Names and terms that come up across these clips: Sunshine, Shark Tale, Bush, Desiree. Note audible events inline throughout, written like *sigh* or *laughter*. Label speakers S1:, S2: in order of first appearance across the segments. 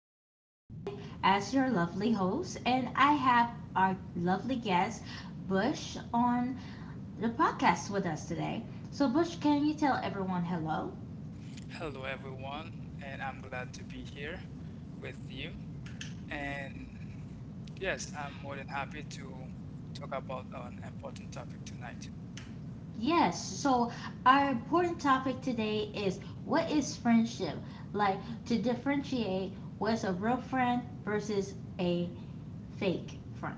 S1: is Desiree, as your lovely host, and I have our lovely guest, Bush, on the podcast with us today. So, Bush, can you tell everyone hello?
S2: Hello, everyone, and I'm glad to be here with you. And yes, I'm more than happy to talk about an important topic tonight.
S1: Yes. So, our important topic today is what is friendship? Like to differentiate what's a real friend versus a fake friend.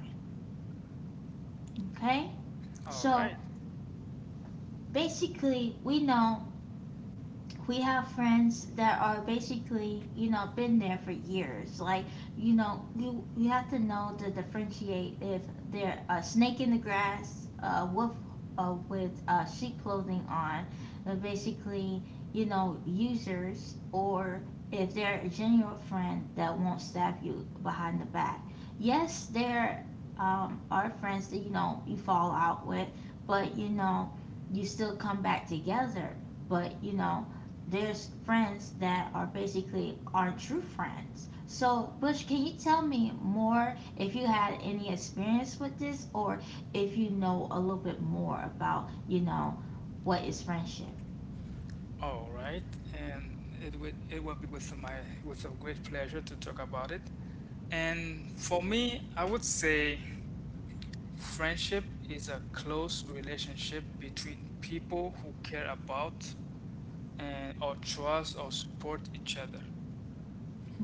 S1: Okay?
S2: All
S1: So,
S2: right,
S1: basically, we know we have friends that are basically been there for years, like you know you have to know to differentiate if they're a snake in the grass, wolf with sheep clothing on. Basically, you know, users, or if they're a genuine friend that won't stab you behind the back. Yes, there are friends that you know you fall out with, but you know you still come back together, but you know there's friends that are basically aren't true friends. So, Bush, can you tell me more if you had any experience with this, or if you know a little bit more about, you know, what is friendship?
S2: all right, and it will be with my with a great pleasure to talk about it. And for me, I would say friendship is a close relationship between people who care about and or trust or support each other.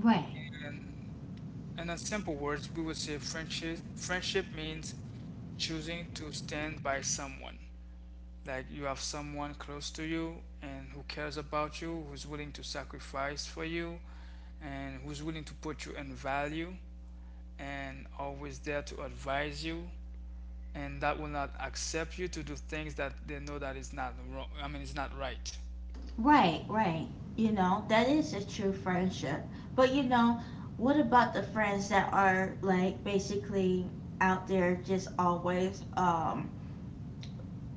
S1: Right.
S2: And And in a simple words, we would say friendship means choosing to stand by someone. Like you have someone close to you and who cares about you, who's willing to sacrifice for you, and who's willing to put you in value and always there to advise you and that will not accept you to do things that they know that is not wrong I mean it's not right.
S1: Right, right. You know, that is a true friendship. But, you know, what about the friends that are like basically out there just always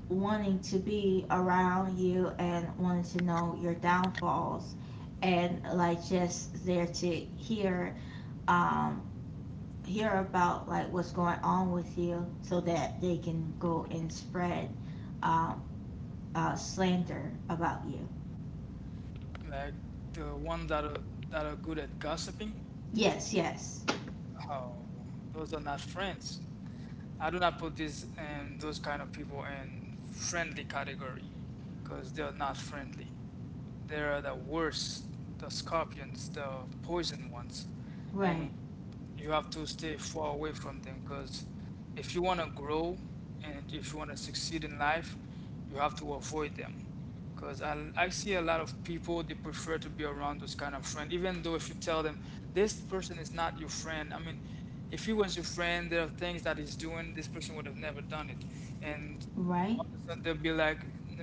S1: wanting to be around you and wanting to know your downfalls, and like just there to hear, um hear about like what's going on with you so that they can go and spread, um, slander about you.
S2: Like the one that are good at gossiping,
S1: Yes, yes.
S2: oh those are not friends. I do not put this and those kind of people in friendly category because they're not friendly. They're the worst, the scorpions, the poison ones,
S1: Right.
S2: and you have to stay far away from them because if you want to grow and if you want to succeed in life, you have to avoid them. Because I see a lot of people, they prefer to be around those kind of friends, even though if you tell them this person is not your friend, I mean, if he was your friend, there are things that he's doing, this person would have never done it. And
S1: Right.
S2: all of a sudden they'll be like,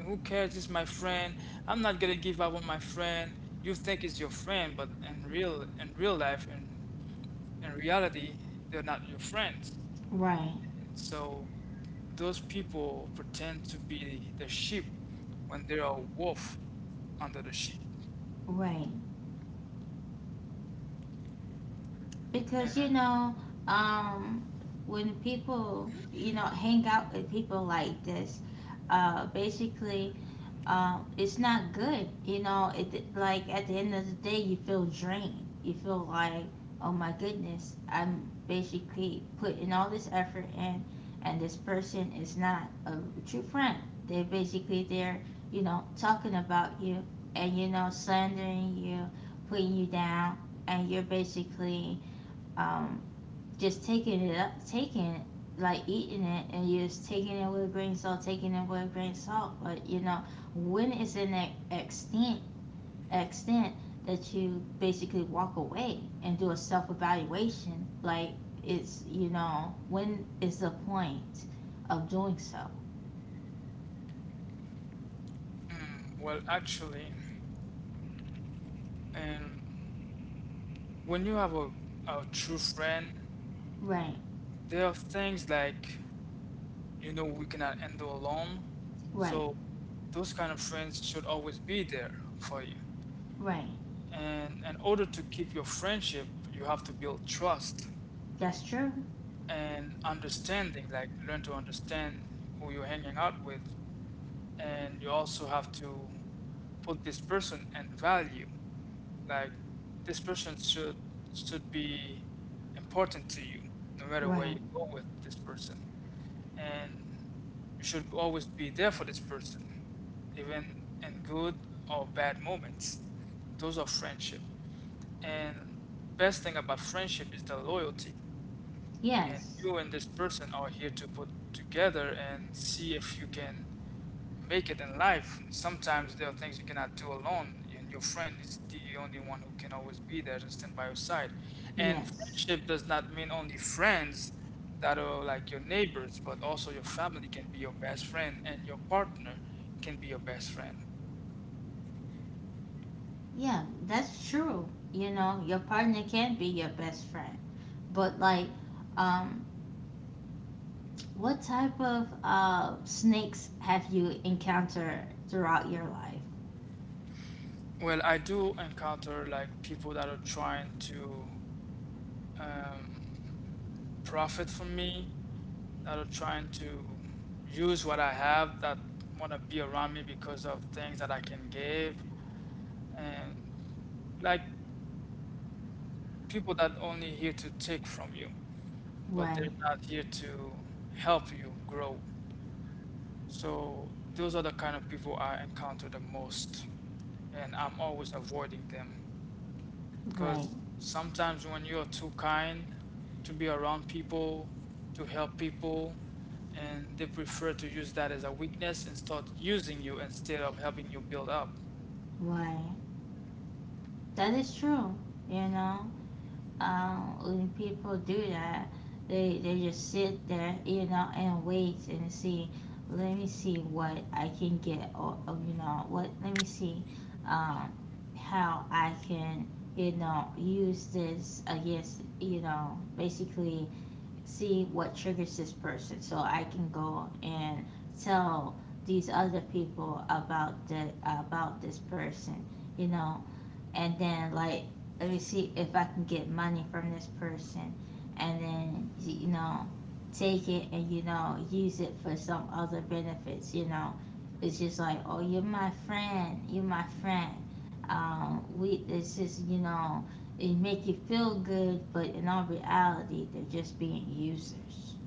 S2: who cares? This is my friend. I'm not gonna give up on my friend. You think it's your friend, but in real life, and in reality, they're not your friends.
S1: Right.
S2: So those people pretend to be the sheep when they are a wolf under the sheep.
S1: Right. Because you
S2: And
S1: know, um when people you know hang out with people like this, basically it's not good. You know, it, like, at the end of the day, you feel drained. You feel like, oh my goodness, I'm basically putting all this effort in, and this person is not a true friend. They're basically there, you know, talking about you and you know slandering you, putting you down, and you're basically, um, just taking it up, taking it, like eating it, and you're just taking it with a grain of salt, taking it with a grain of salt. But you know, when it's in that extent, extent that you basically walk away and do a self evaluation, like it's you know, when is the point of doing so?
S2: well, actually, and when you have a true friend,
S1: Right,
S2: there are things like you know we cannot handle alone.
S1: right,
S2: So those kind of friends should always be there for you.
S1: right.
S2: And in order to keep your friendship, you have to build trust
S1: That's true.
S2: and understanding, like learn to understand who you're hanging out with. And you also have to put this person and value. Like this person should be important to you, no matter where
S1: Right.
S2: you go with this person. And you should always be there for this person, even in good or bad moments. Those are friendship. And best thing about friendship is the loyalty, and
S1: Yes,
S2: you and this person are here to put together and see if you can make it in life. Sometimes there are things you cannot do alone, and your friend is the only one who can always be there to stand by your side. And
S1: yes.
S2: friendship does not mean only friends that are like your neighbors, but also your family can be your best friend, and your partner can be your best friend.
S1: Yeah, that's true. You know, your partner can be your best friend. But like, um, what type of snakes have you encountered throughout your life?
S2: Well, I do encounter like people that are trying to. Um, Profit from me, that are trying to use what I have, that want to be around me because of things that I can give, and like people that only here to take from you but they're
S1: Right,
S2: not here to help you grow. So those are the kind of people I encounter the most, and I'm always avoiding them.
S1: right,
S2: Because sometimes when you're too kind to be around people, to help people, and they prefer to use that as a weakness and start using you instead of helping you build up.
S1: right. That is true, you know. Um, when people do that, they just sit there, you know, and wait and see. Let me see what I can get, or you know, what. Let me see, um, how I can, you know, use this against, you know, basically see what triggers this person, so I can go and tell these other people about this person, you know, and then like let me see if I can get money from this person, and then you know take it and you know use it for some other benefits. You know, it's just like, oh, you're my friend, you're my friend. We this is you know it make you feel good, but in all reality they're just being users.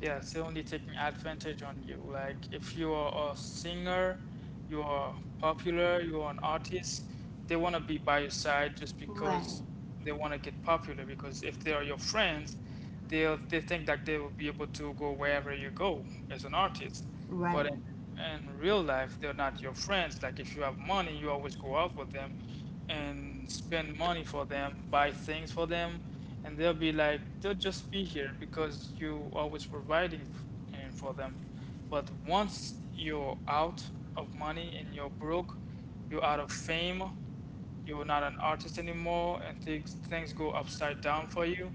S2: Yes, they're only taking advantage on you. Like if you are a singer, you are popular, you are an artist, they want to be by your side just because
S1: Right.
S2: they want to get popular. Because if they are your friends, they think that they will be able to go wherever you go as an artist. But
S1: Right.
S2: in real life, they're not your friends. Like if you have money, you always go out with them and spend money for them, buy things for them, and they'll just be here because you always providing f- and for them. But once you're out of money and you're broke, you're out of fame, you're not an artist anymore, and things go upside down for you.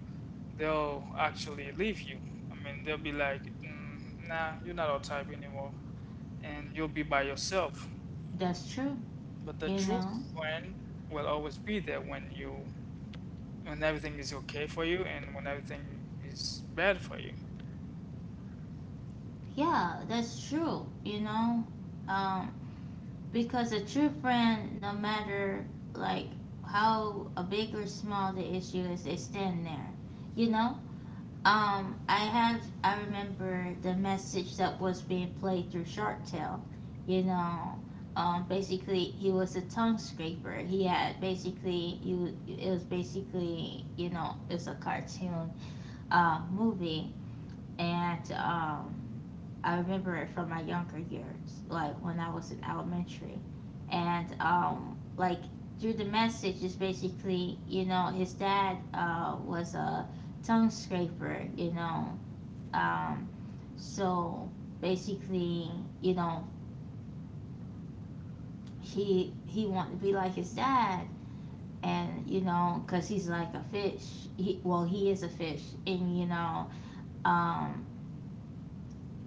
S2: They'll actually leave you. I mean, they'll be like, nah, you're not our type anymore, and you'll be by yourself.
S1: That's true.
S2: But the
S1: You
S2: true
S1: know.
S2: friend will always be there when you, when everything is okay for you and when everything is bad for you.
S1: Yeah, that's true. You know. Um, Because a true friend, no matter like how a big or small the issue is, they stand there. You know? I remember the message that was being played through Shark Tale, you know. Basically he was a tongue scraper. He had basically you it was basically, you know, it's a cartoon movie, and I remember it from my younger years, like when I was in elementary. And like through the message is basically, you know, his dad was a tongue scraper, you know. Um, so basically, you know, he wanted to be like his dad, and you know, cause he's like a fish. He well, he is a fish, and you know, um,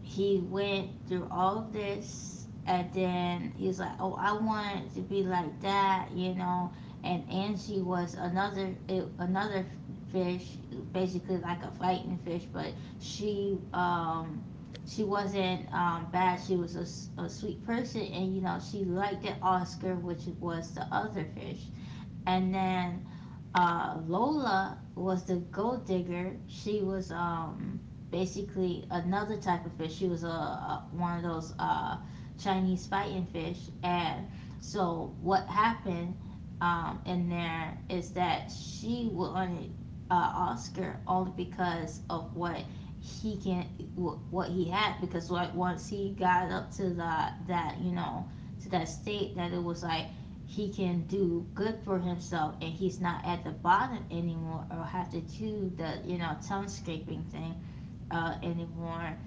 S1: he went through all of this, and then he was like, oh, I wanted to be like that, you know. And Angie was another another fish, basically like a fighting fish, but she um she wasn't bad. She was a sweet person, and you know, she liked Oscar, which was the other fish. And then Lola was the gold digger. She was basically another type of fish. She was a one of those Chinese fighting fish. And so what happened in there is that she wanted Oscar only because of what he can, what he had, because like once he got up to the, that you know, to that state that it was like he can do good for himself and he's not at the bottom anymore, or have to do the you know tongue scraping thing, anymore.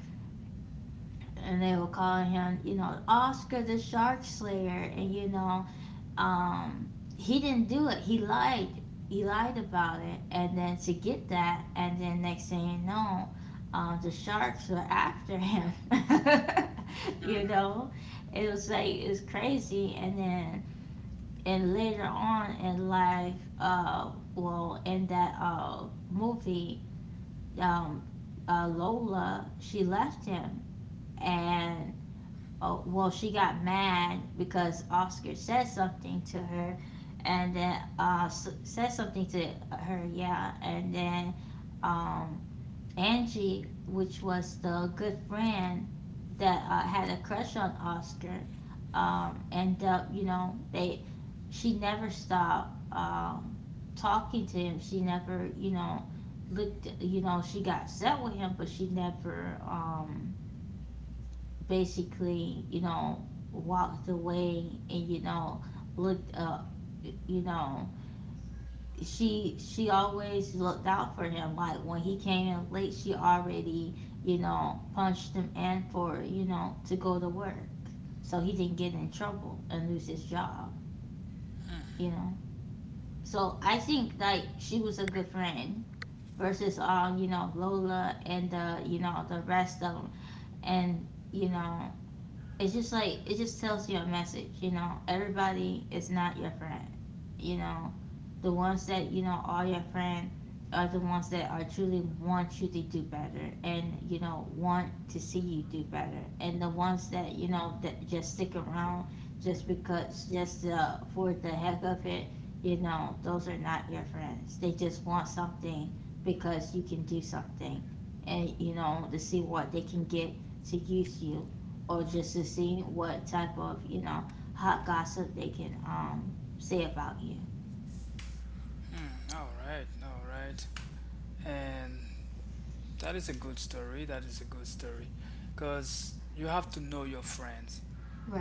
S1: And they were calling him, you know, Oscar the shark slayer, and you know, um, he didn't do it, he lied, about it, and then to get that, and then next thing you know, the sharks were after him. *laughs* You know, it was like, it's crazy. And then, and later on in life, well, in that movie, um, Lola, she left him. And, oh, well, she got mad because Oscar said something to her, and then said something to her, yeah. And then um, Angie, which was the good friend that had a crush on Oscar, and you know, they, she never stopped talking to him. She never, you know, looked. You know, she got set with him, but she never, basically, you know, walked away and you know looked up, you know. She, always looked out for him. Like when he came in late, she already you know punched him in for you know to go to work, so he didn't get in trouble and lose his job. You know, so I think like she was a good friend versus you know Lola and the you know the rest of them. And you know, it's just like, it just tells you a message, you know, everybody is not your friend. You know, the ones that you know are your friend are the ones that are truly want you to do better, and you know want to see you do better. And the ones that you know that just stick around just because, just for the heck of it, you know, those are not your friends. They just want something because you can do something, and you know, to see what they can get, to use you, or just to see what type of you know hot gossip they can say about you.
S2: Hmm, all right, all right. And that is a good story. That is a good story. Because you have to know your friends.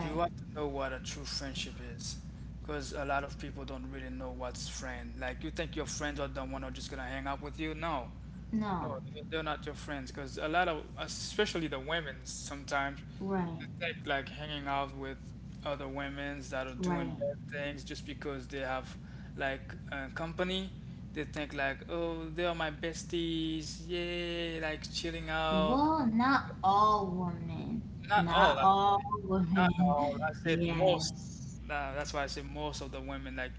S2: You have to know what a true friendship is. Because a lot of people don't really know what's friend. Like, you think your friends are the one who are just going to hang out with you? No.
S1: No.
S2: No, they're not your friends because a lot of, especially the women, sometimes
S1: Right.
S2: they think like hanging out with other women's that are
S1: Right.
S2: doing bad things just because they have like a company. They think like, oh, they are my besties, yay, like chilling out.
S1: Well, not all women.
S2: Not all,
S1: Not all
S2: actually.
S1: *laughs*
S2: Not
S1: women.
S2: all. I said most.
S1: Yes.
S2: That's why I say most of the women like,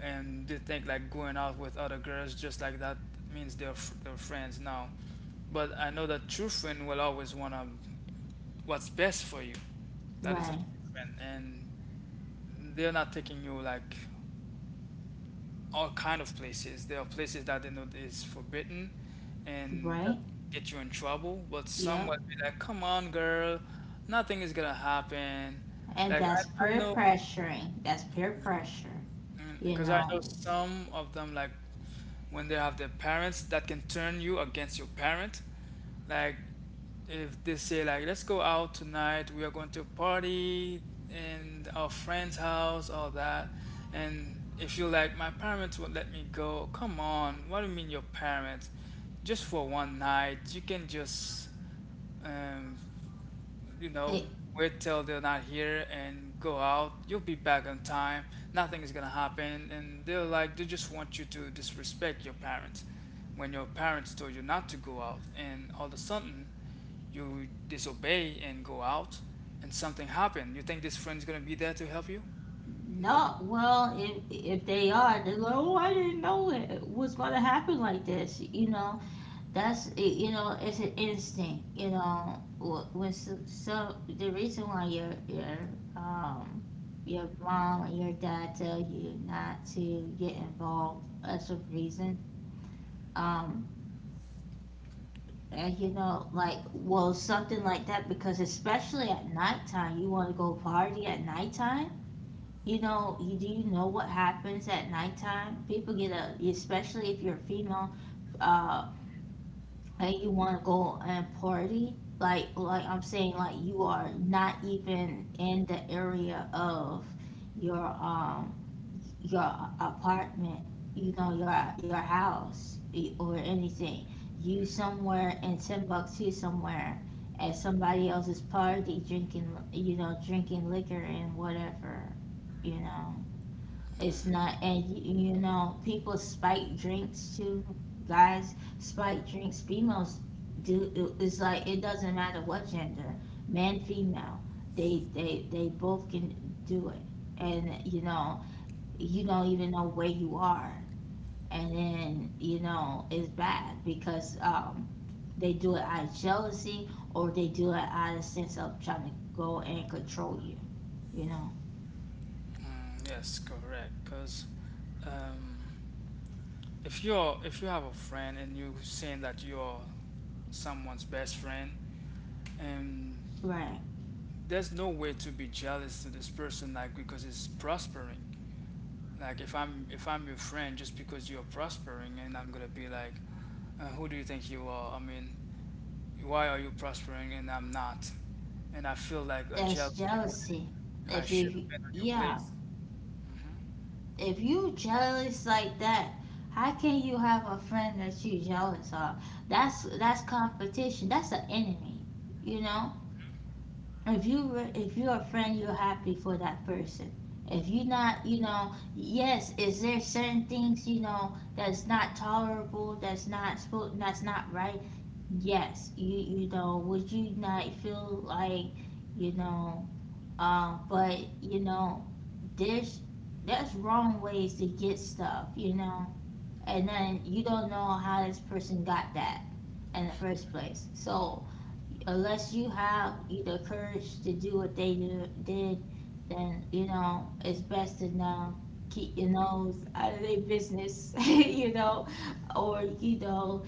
S2: and they think like going out with other girls just like that means they're friends now. But I know that true friend will always wanna what's best for you. That is a
S1: Right.
S2: true friend, and they're not taking you like all kind of places. There are places that they know is forbidden and that
S1: Right.
S2: can get you in trouble, but some
S1: Yep.
S2: will be like, "Come on, girl, nothing is gonna happen."
S1: And
S2: Like
S1: that's
S2: I
S1: peer
S2: know,
S1: pressuring. That's peer pressure. You
S2: because I know
S1: know.
S2: some of them like when they have their parents that can turn you against your parent. Like if they say like, let's go out tonight, we are going to party in our friend's house, all that, and if you like, my parents would let me go, come on, what do you mean your parents? Just for one night, you can just um, you know,
S1: It,
S2: wait till they're not here and go out. You'll be back on time. Nothing is gonna happen. And they're like, they just want you to disrespect your parents when your parents told you not to go out. And all of a sudden, you disobey and go out, and something happened. You think this friend's gonna be there to help you? Nope.
S1: no, well, if they are, they're like, oh, I didn't know it was gonna happen like this, you know. That's it, you know, it's an instinct, you know. Wh- When so, so the reason why um your mom and your dad tell you not to get involved as a reason, um, and you know, like well, something like that, because especially at nighttime, you want to go party at nighttime. You know, you do you know what happens at nighttime? People get a, especially if you're a female, uh, and you want to go and party, like I'm saying, like you are not even in the area of your um your apartment, you know, your house, or anything. You somewhere in Timbuktu somewhere, at somebody else's party, drinking, you know, drinking liquor and whatever, you know. It's not, and you know, people spike drinks too. Guys spike drinks. Females do. It's like, it doesn't matter what gender, man, female. They both can do it, and you know, you don't even know where you are, and then you know, it's bad, because they do it out of jealousy, or they do it out of sense of trying to go and control you. You know,
S2: Mm, yes, correct. Because um, if you're, if you have a friend and you saying that you're someone's best friend, and
S1: right?
S2: there's no way to be jealous to this person like because it's prospering. Like if i'm your friend, just because you're prospering, and I'm gonna be like, who do you think you are? I mean, why are you prospering and I'm not, and I feel like a
S1: That's
S2: jealousy where
S1: jealousy.
S2: I
S1: If
S2: should
S1: you,
S2: have been on your
S1: yeah,
S2: place. Hmm,
S1: if you jealous like that, how can you have a friend that you jealous of? That's competition. That's an enemy. You know, if you if you're a friend, you're happy for that person. If you're not, you know, yes, is there certain things you know that's not tolerable, that's not that's not right? Yes, you know, would you not feel like, you know, but you know, there's, wrong ways to get stuff, you know, and then you don't know how this person got that in the first place. So unless you have either courage to do what they did, then it's best to know keep your nose out of their business, *laughs* or you know,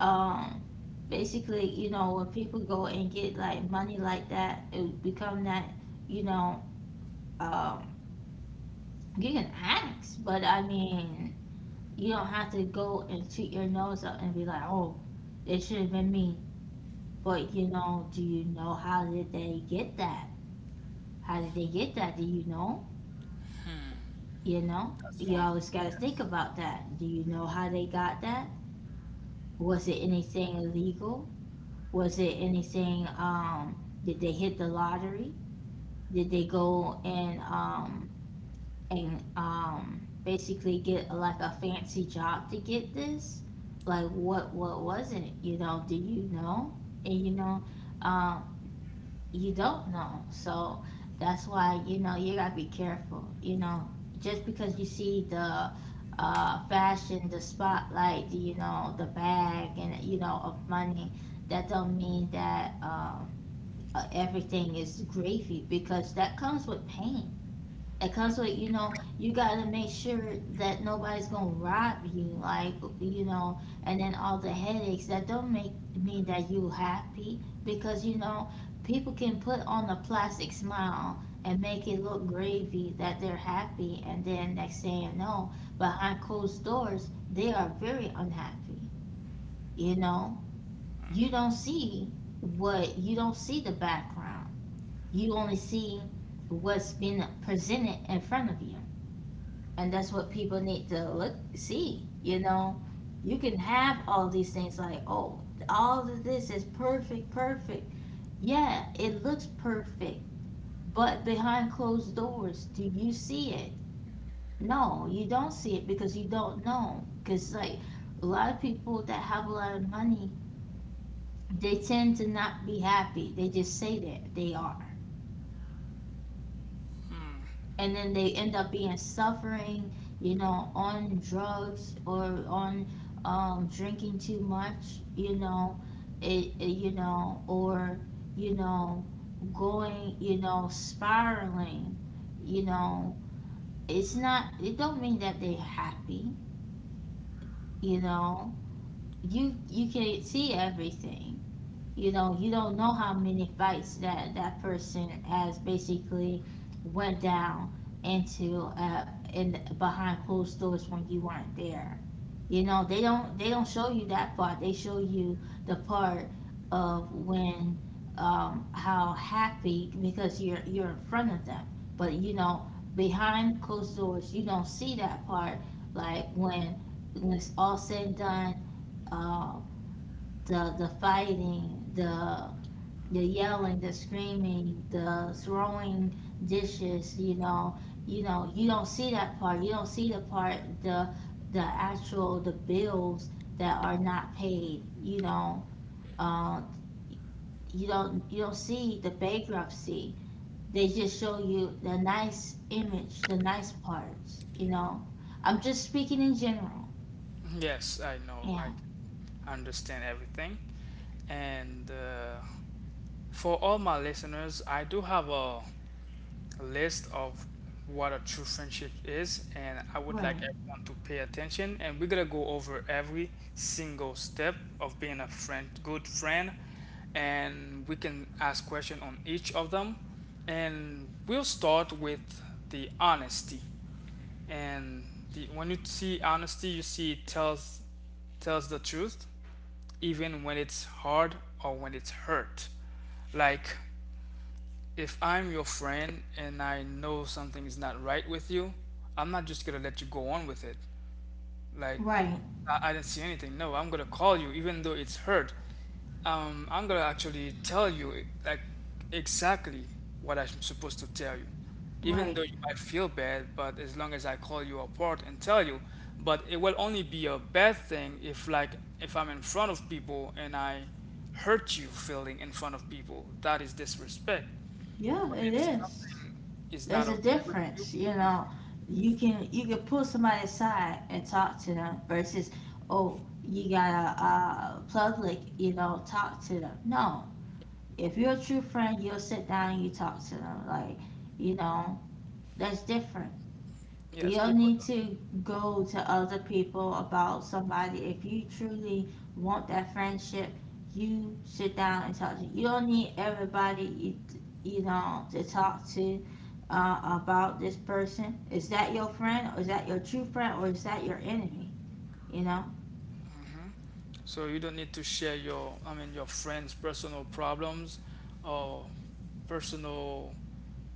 S1: um, basically, when people go and get like money like that, it become that you know. Um, You can ask, but I mean, you don't have to go and shoot your nose up and be like, "Oh, it should have been me." But do you know how did they get that? How did they get that? Do you know? You know?
S2: that's
S1: You
S2: one
S1: always
S2: thing,
S1: gotta think
S2: yes.
S1: about that. Do you know how they got that? Was it anything illegal? Was it anything, did they hit the lottery? Did they go and, basically get like a fancy job to get this, like what was it, do you know? and you know um you don't know, so that's why, you gotta be careful. Just because you see the fashion, the spotlight, the bag, and of money, that don't mean that everything is gravy, because that comes with pain. It comes with, you got to make sure that nobody's gonna rob you, like, you know and then all the headaches, that don't make mean that you happy, because, people can put on a plastic smile and make it look gravy that they're happy, and then next thing you know, behind closed doors they are very unhappy you know you don't see you don't see the background. You only see what's been presented in front of you, and that's what people need to look see. You can have all these things, like, oh, all of this is perfect, perfect. Yeah, it looks perfect, but behind closed doors, do you see it? No, you don't see it, because you don't know, because, like, a lot of people that have a lot of money, they tend to not be happy. They just say that they are,
S2: Mm,
S1: and then they end up being suffering, on drugs or on, drinking too much, you know, it, you know, or you know, going, spiraling, you know, it's not. It don't mean that they're happy, you know. You can't see everything. You don't know how many fights that that person has basically went down into in behind closed doors when you weren't there. They don't show you that part. They show you the part of when, how happy, because you're in front of them. But, behind closed doors you don't see that part, like when it's all said and done, uh the fighting, the yelling, the screaming, the throwing dishes. You don't see that part. You don't see the actual the bills that are not paid, you know. Uh, you don't see the bankruptcy. They just show you the nice image, the nice parts. I'm just speaking in general.
S2: yes, I know, I
S1: Yeah.
S2: can understand everything. And for all my listeners, I do have a list of what a true friendship is, and I would like
S1: Right.
S2: everyone to pay attention. And we're gonna go over every single step of being a friend, good friend, and we can ask questions on each of them. And we'll start with the honesty. And the, when you see honesty, you see it tells the truth, even when it's hard or when it's hurt. Like if I'm your friend and I know something is not right with you, I'm not just gonna let you go on with it. Like,
S1: Right.
S2: I didn't see anything. No, I'm gonna call you, even though it's hurt. I'm gonna actually tell you, like, exactly what I'm supposed to tell you. Even
S1: Right.
S2: though you might feel bad, but as long as I call you apart and tell you, but it will only be a bad thing if, like, if I'm in front of people and I hurt you feeling in front of people. That is disrespect.
S1: Yeah,
S2: But
S1: it
S2: if
S1: is.
S2: something is not
S1: There's a
S2: okay with you,
S1: difference, you know. You can pull somebody aside and talk to them versus, oh, you gotta, public, talk to them. No, if you're a true friend, you'll sit down and you talk to them. Like, you know that's different.
S2: yes,
S1: You'll
S2: people
S1: need
S2: don't.
S1: to go to other people about somebody. If you truly want that friendship, you sit down and talk to. You don't need everybody, to talk to, about this person. Is that your friend, or is that your true friend, or is that your enemy? You know,
S2: So you don't need to share your, I mean, your friends' personal problems or personal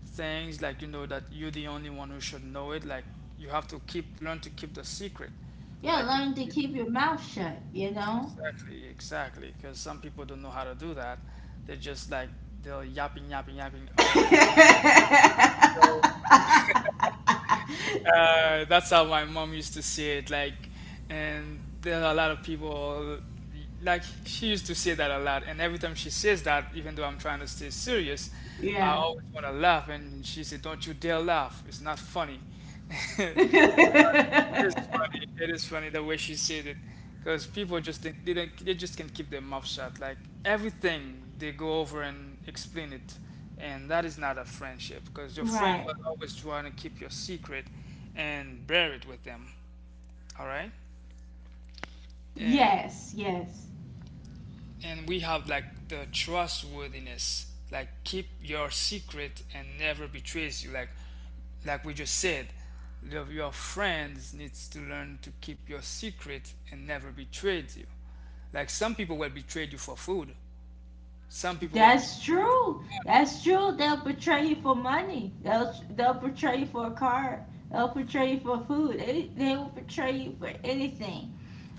S2: things like you know that you're the only one who should know it. Like you have to keep learn to keep the secret.
S1: you gotta
S2: Like if
S1: learn to
S2: you,
S1: keep your mouth shut.
S2: exactly, exactly, because some people don't know how to do that. They just like they're yapping all
S1: *laughs*
S2: over. That's how my mom used to say it. Like, and there are a lot of people, like, she used to say that a lot. And every time she says that, even though I'm trying to stay serious, I
S1: Yeah.
S2: always want to laugh. And she said, Don't you dare laugh. It's not funny. *laughs* It is funny. It is funny the way she said it, because people just think they just can't keep their mouth shut. Like everything, they go over and explain it, and that is not a friendship. Because your friend
S1: Right.
S2: will always try to keep your secret, and bear it with them. All right, and
S1: Yes. Yes.
S2: and we have like the trustworthiness. Like keep your secret and never betrays you. Like we just said, your friends needs to learn to keep your secret and never betrayed you. Like some people will betray you for food. Some people will betray
S1: That's
S2: you for,
S1: true. That's true. They'll betray you for money. They'll betray you for a car. They'll betray you for food. They will betray you for anything.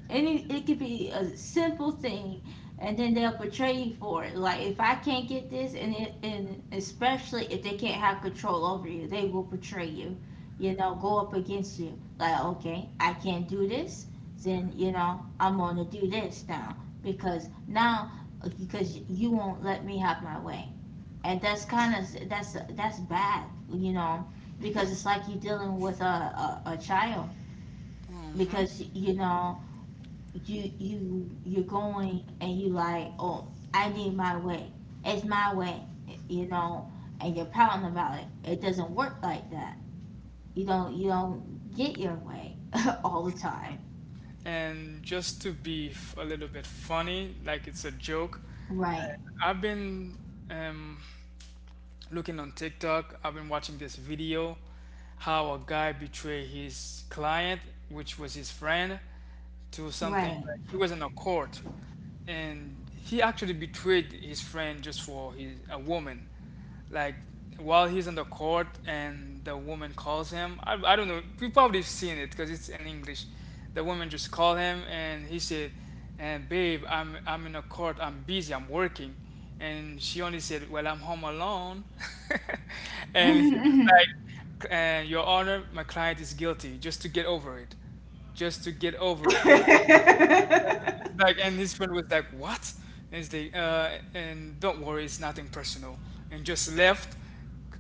S1: Any It could be a simple thing, and then they'll portray you for it. Like, if I can't get this, and especially if they can't have control over you, they will portray you. Go up against you. Like, okay, I can't do this, then I'm gonna do this now, because now, because you won't let me have my way, and that's that's bad. Because it's like you're dealing with a a child, because you're going, and you, like, oh, I need my way. It's my way, you know, and you're pouting about it. It doesn't work like that. You don't get your way *laughs* all the time.
S2: and just to be a little bit funny, like it's a joke.
S1: Right.
S2: And I've been um, looking on TikTok. I've been watching this video how a guy betrayed his client, which was his friend, to something
S1: Right.
S2: like he was in a court, and he actually betrayed his friend just for his a woman, like while he's in the court and the woman calls him, I don't know, you probably have seen it because it's in english. The woman just called him and he said, and babe I'm in a court, I'm busy, I'm working. And she only said, well I'm home alone. *laughs* And he was
S1: *laughs*
S2: like, your honor, my client is guilty, just to get over it. Just to get over it. It's like, and this friend was like, what? And it's like, and don't worry, it's nothing personal. And just left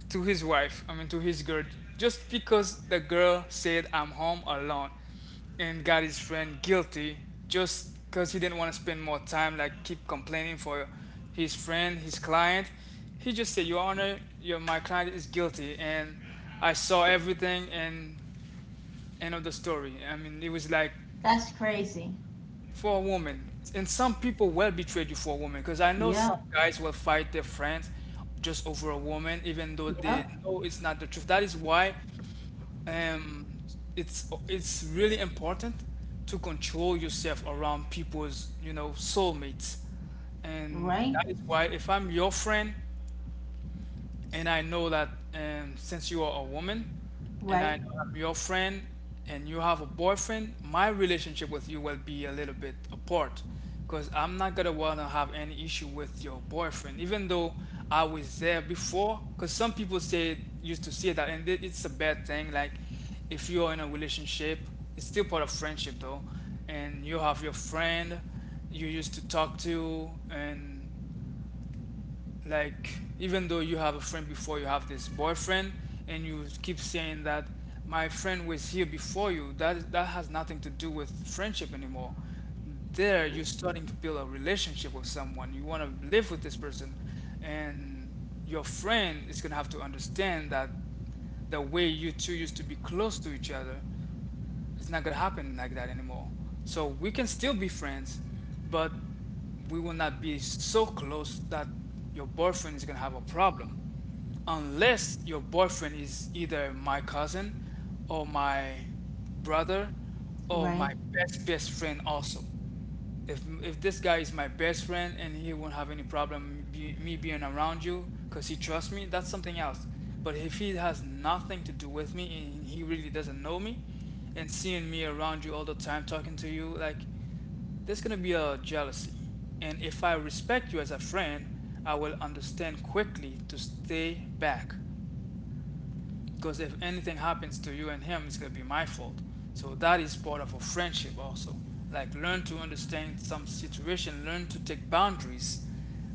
S2: to his wife, I mean to his girl, just because the girl said, I'm home alone, and got his friend guilty, just because he didn't want to spend more time like keep complaining for his friend, his client. He just said, your honor, your my client is guilty, and I saw everything, and end of the story. I mean, it was like
S1: That's crazy.
S2: for a woman. And some people will betray you for a woman because I know some
S1: Yep.
S2: guys will fight their friends just over a woman, even though they
S1: Yep.
S2: know it's not the truth. That is why, um, it's really important to control yourself around people's, you know, soulmates, and
S1: Right.
S2: that is why if I'm your friend. And I know that, since you are a woman, and I
S1: Right.
S2: know I'm your friend, and you have a boyfriend, my relationship with you will be a little bit apart. Because I'm not gonna wanna have any issue with your boyfriend, even though I was there before. Because some people say used to say that, and it's a bad thing. Like if you're in a relationship, it's still part of friendship though, and you have your friend you used to talk to, and like even though you have a friend before you have this boyfriend, and you keep saying that my friend was here before you, that has nothing to do with friendship anymore. There you're starting to build a relationship with someone, you want to live with this person, and your friend is going to have to understand that the way you two used to be close to each other, it's not gonna happen like that anymore. So we can still be friends, but we will not be so close that your boyfriend is gonna have a problem. Unless your boyfriend is either my cousin, or my brother, or
S1: Right.
S2: my best best friend also. If this guy is my best friend and he won't have any problem, me being around you because he trusts me, that's something else. But if he has nothing to do with me and he really doesn't know me and seeing me around you all the time talking to you, like there's gonna be a jealousy. And if I respect you as a friend, I will understand quickly to stay back, because if anything happens to you and him, it's gonna be my fault. So that is part of a friendship also. Like learn to understand some situation, learn to take boundaries.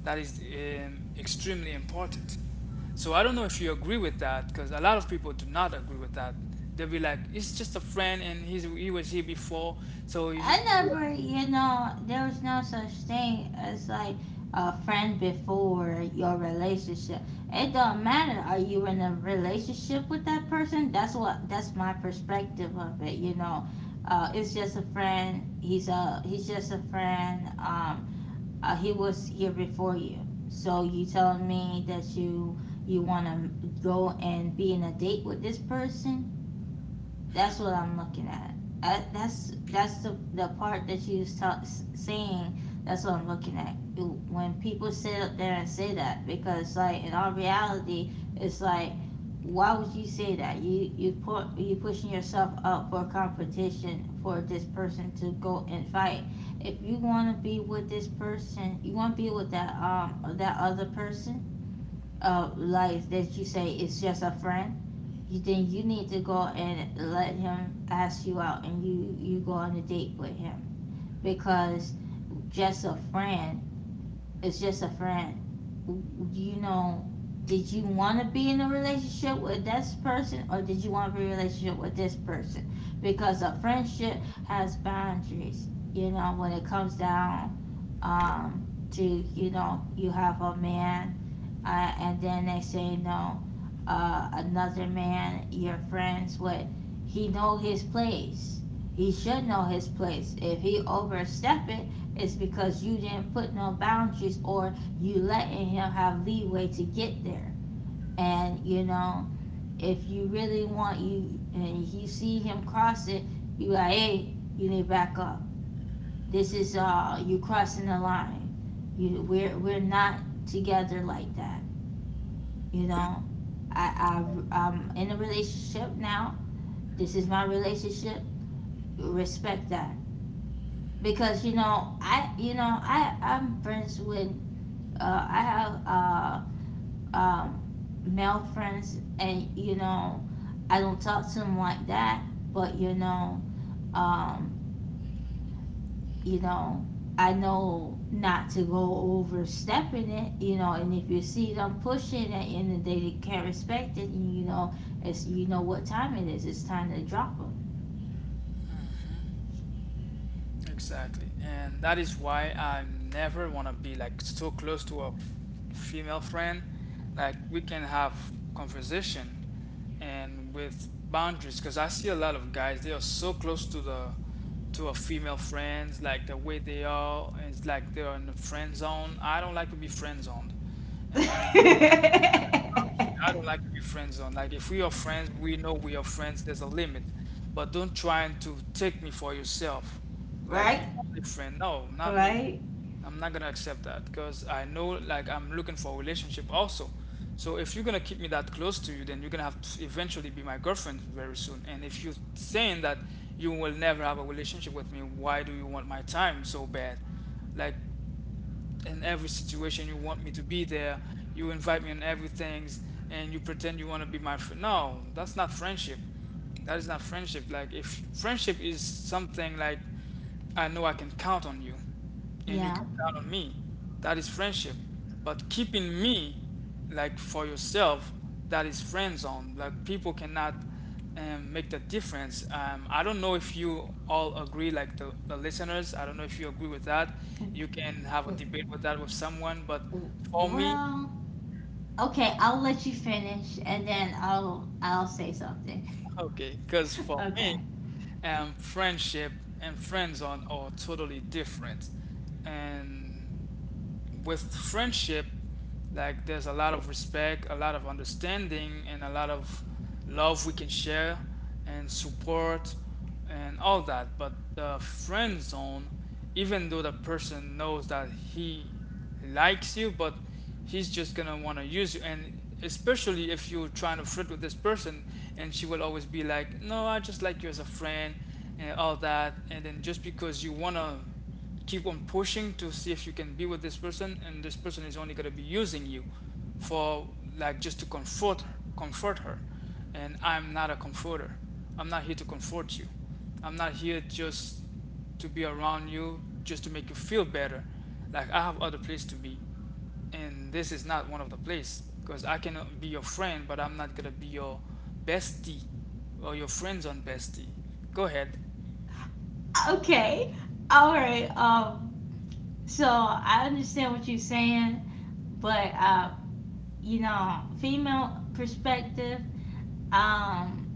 S2: That is extremely important. So I don't know if you agree with that because a lot of people do not agree with that. They'll be like, it's just a friend and he was here before. So he,
S1: I never, there was no such thing as like a friend before your relationship. It don't matter. Are you in a relationship with that person? That's my perspective of it. It's just a friend. He's just a friend. He was here before you. So you telling me that you want to go and be in a date with this person? That's what
S2: hmm.
S1: I'm looking at. I, that's the part that you was saying. That's what I'm looking at. When people sit up there and say that, because, like, in all reality, it's like, why would you say that? You pushing yourself up for competition for this person to go and fight. If you want to be with this person, you want to be with that other person, like, that you say is just a friend, you then you need to go and let him ask you out, and you go on a date with him, because just a friend is just a friend you know did you want to be in a relationship with this person, or did you want to be in a relationship with this person, because a friendship has boundaries. When it comes down, to, you have a man, and then they say no, another man you're friends with, he know his place. He should know his place. If he overstep it, it's because you didn't put no boundaries, or you letting him have leeway to get there. And, if you really want, you, and you see him cross it, you, like, hey, you need to back up. This is, you crossing the line. You we're we're not together like that you know, I, I I'm in a relationship now. This is my relationship. Respect that, because I'm friends with, I have um male friends, and I don't talk to them like that. But, um you know, I know not to go overstepping it, and if you see them pushing it and then they can't respect it, and it's, you know, what time it is. It's time to drop them.
S2: Exactly. And that is why I never want to be like so close to a female friend. Like we can have conversation and with boundaries, because I see a lot of guys they are so close to the to a female friends, like the way they are it's like they are in the friend zone. I don't like to be friend zoned. And
S1: *laughs*
S2: I don't like to be friend zone. Like if we are friends, we know we are friends. There's a limit, but don't try and to take me for yourself. Like you
S1: Right?
S2: only friend. No, not me.
S1: Right?
S2: I'm not gonna accept that because I know like I'm looking for a relationship also. So if you're gonna keep me that close to you, then you're gonna have to eventually be my girlfriend very soon. And if you're saying that you will never have a relationship with me, why do you want my time so bad? Like in every situation you want me to be there, you invite me on everything, and you pretend you want to be my friend. No, that's not friendship. That is not friendship. Like if friendship is something like, I know I can count on you and you
S1: Yeah.
S2: can count on me, that is friendship. But keeping me like for yourself, that is friend zone. Like people cannot make the difference. I don't know if you all agree, like the listeners, I don't know if you agree with that. You can have a debate with that with someone, but for me,
S1: Well, okay, I'll let you finish and then I'll say something.
S2: *laughs* okay, because for me,
S1: Okay.
S2: friendship and friend zone are totally different. And with friendship, like there's a lot of respect, a lot of understanding, and a lot of love we can share and support and all that. But the friend zone, even though the person knows that he likes you, but he's just gonna wanna use you. And especially if you're trying to flirt with this person, and she will always be like, "No, I just like you as a friend," and all that. And then just because you wanna keep on pushing to see if you can be with this person, and this person is only going to be using you for like just to comfort, comfort her. And I'm not a comforter. I'm not here to comfort you. I'm not here just to be around you just to make you feel better. Like I have other place to be, and this is not one of the place, because I can be your friend but I'm not going to be your bestie, or your friends on bestie. Go ahead.
S1: Okay. All right. So I understand what you're saying, but, female perspective, um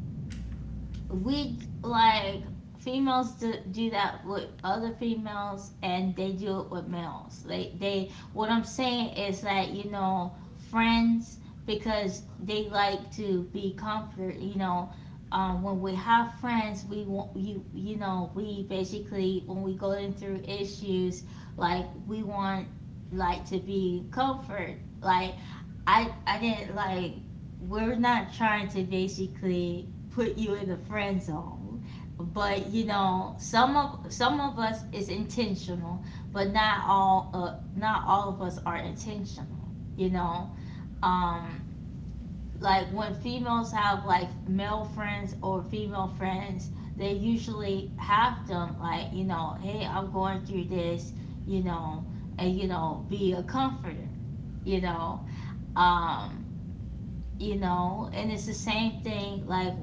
S1: we, like, females do that with other females, and they do it with males. They What I'm saying is that, friends, because they like to be comfort. When we have friends, we want you, you know we basically, when we going through issues, like, we want, like, to be comfort. Like, I didn't, like, we're not trying to basically put you in the friend zone. But some of us is intentional, but not all of us are intentional. You know, um, like when females have like male friends or female friends, they usually have them like, hey, I'm going through this, you know, be a comforter, you know, um, and it's the same thing like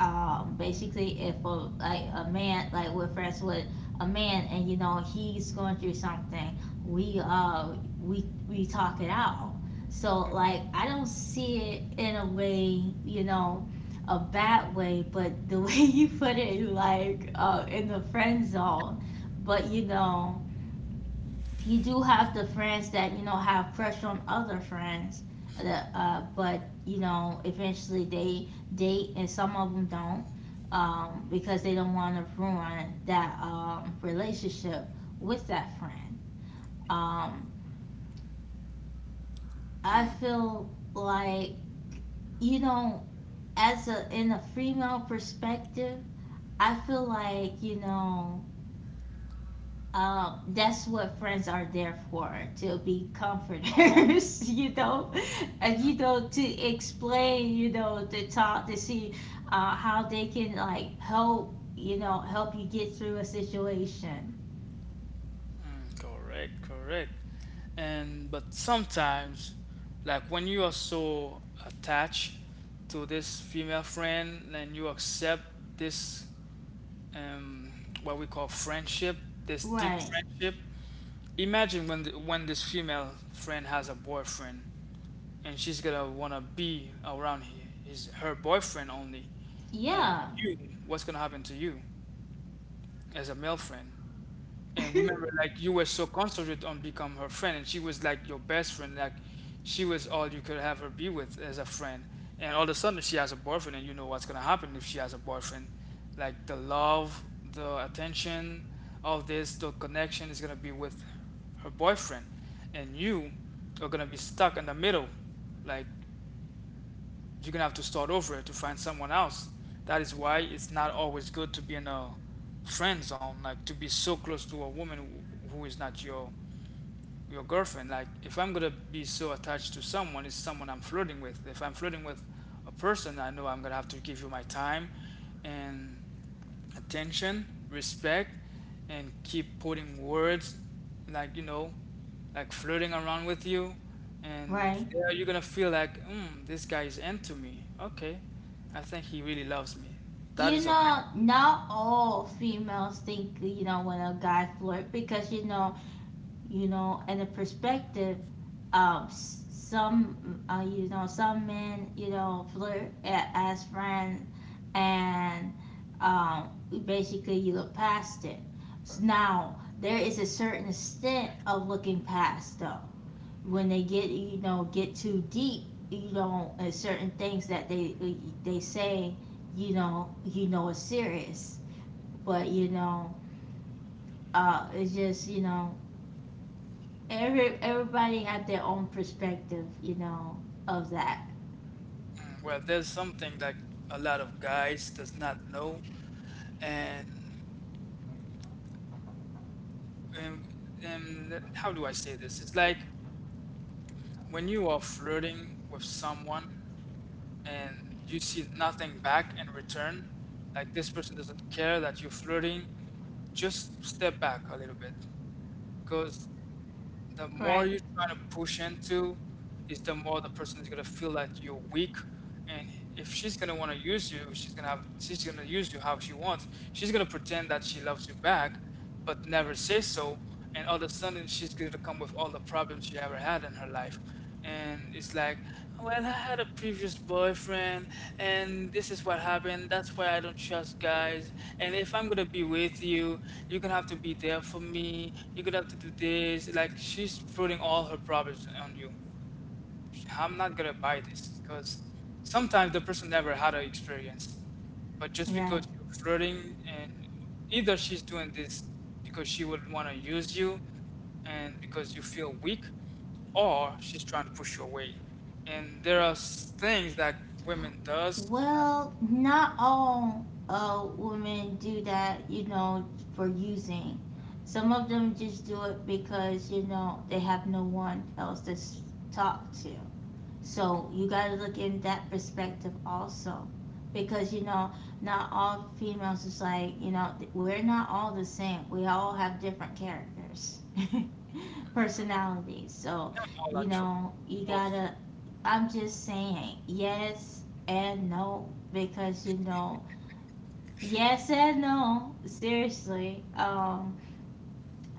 S1: basically if a like a man like we're friends with a man, and he's going through something. We uh we we talk it out. So like I don't see it in a bad way, but the *laughs* way you put it like in the friend zone. But you do have the friends that have pressure on other friends that, but you know eventually they date, and some of them don't, because they don't want to ruin that relationship with that friend. um, I
S2: Mm.
S1: feel like you know as a in a female perspective, I feel like that's what friends are there for, to be comforters, *laughs* and to explain, to talk, to see how they can like help, help you get through a situation.
S2: Mm, correct, correct. And but sometimes, like when you are so attached to this female friend and you accept this um what we call friendship, this deep
S1: Right?
S2: friendship. Imagine when when this female friend has a boyfriend and she's gonna wanna be around he- his her boyfriend only, and
S1: Yeah.
S2: you, what's gonna happen to you as a male friend? And remember
S1: *laughs*
S2: like you were so concentrated on become her friend and she was like your best friend, like she was all you could have her be with as a friend, and all of a sudden she has a boyfriend, and you know what's going to happen if she has a boyfriend. Like the love, the attention, all this the connection is going to be with her boyfriend, and you are going to be stuck in the middle. Like you're gonna have to start over to find someone else. That is why it's not always good to be in a friend zone, like to be so close to a woman who is not your your girlfriend. Like if I'm gonna be so attached to someone, it's someone I'm flirting with. If I'm flirting with a person, I know I'm gonna have to give you my time and attention, respect, and keep putting words, like you know, like flirting around with you, and
S1: Right.
S2: there you're gonna feel like, mm, this guy is into me, okay, I think he really loves me. That is okay.
S1: Not all females think when a guy flirt, because you know, and the perspective of some men flirt as friends, and um, basically you look past it. Now there is a certain extent of looking past though, when they get too deep, and certain things that they say is serious. But it's just. Everybody had their own perspective of that.
S2: Mm, well there's something that a lot of guys does not know, and um, um, how do I say this? It's like when you are flirting with someone and you see nothing back in return, like this person doesn't care that you're flirting, just step back a little bit because the more
S1: Right.
S2: you're trying to push into is the more the person is gonna feel that you're weak. And if she's gonna want to use you, she's gonna use you how she wants. She's gonna pretend that she loves you back but never say so, and all of a sudden she's gonna come with all the problems she ever had in her life. And it's like, well, I had a previous boyfriend and this is what happened, that's why I don't trust guys. And if I'm gonna be with you, you're gonna have to be there for me, you're gonna have to do this. Like, she's putting all her problems on you. I'm not gonna buy this because sometimes the person never had an experience, but just
S1: Right.
S2: because you're flirting, and either she's doing this because she would want to use you and because you feel weak, or she's trying to push you away. And there are things that women does that
S1: Well, not all women do that, for using. Some of them just do it because, they have no one else to talk to. So you got to look in that perspective also. Because, not all females is like, we're not all the same. We all have different characters. *laughs* Personalities. So,
S2: not all actually,
S1: you
S2: most.
S1: gotta, I'm just saying yes and no, because, yes and no, seriously.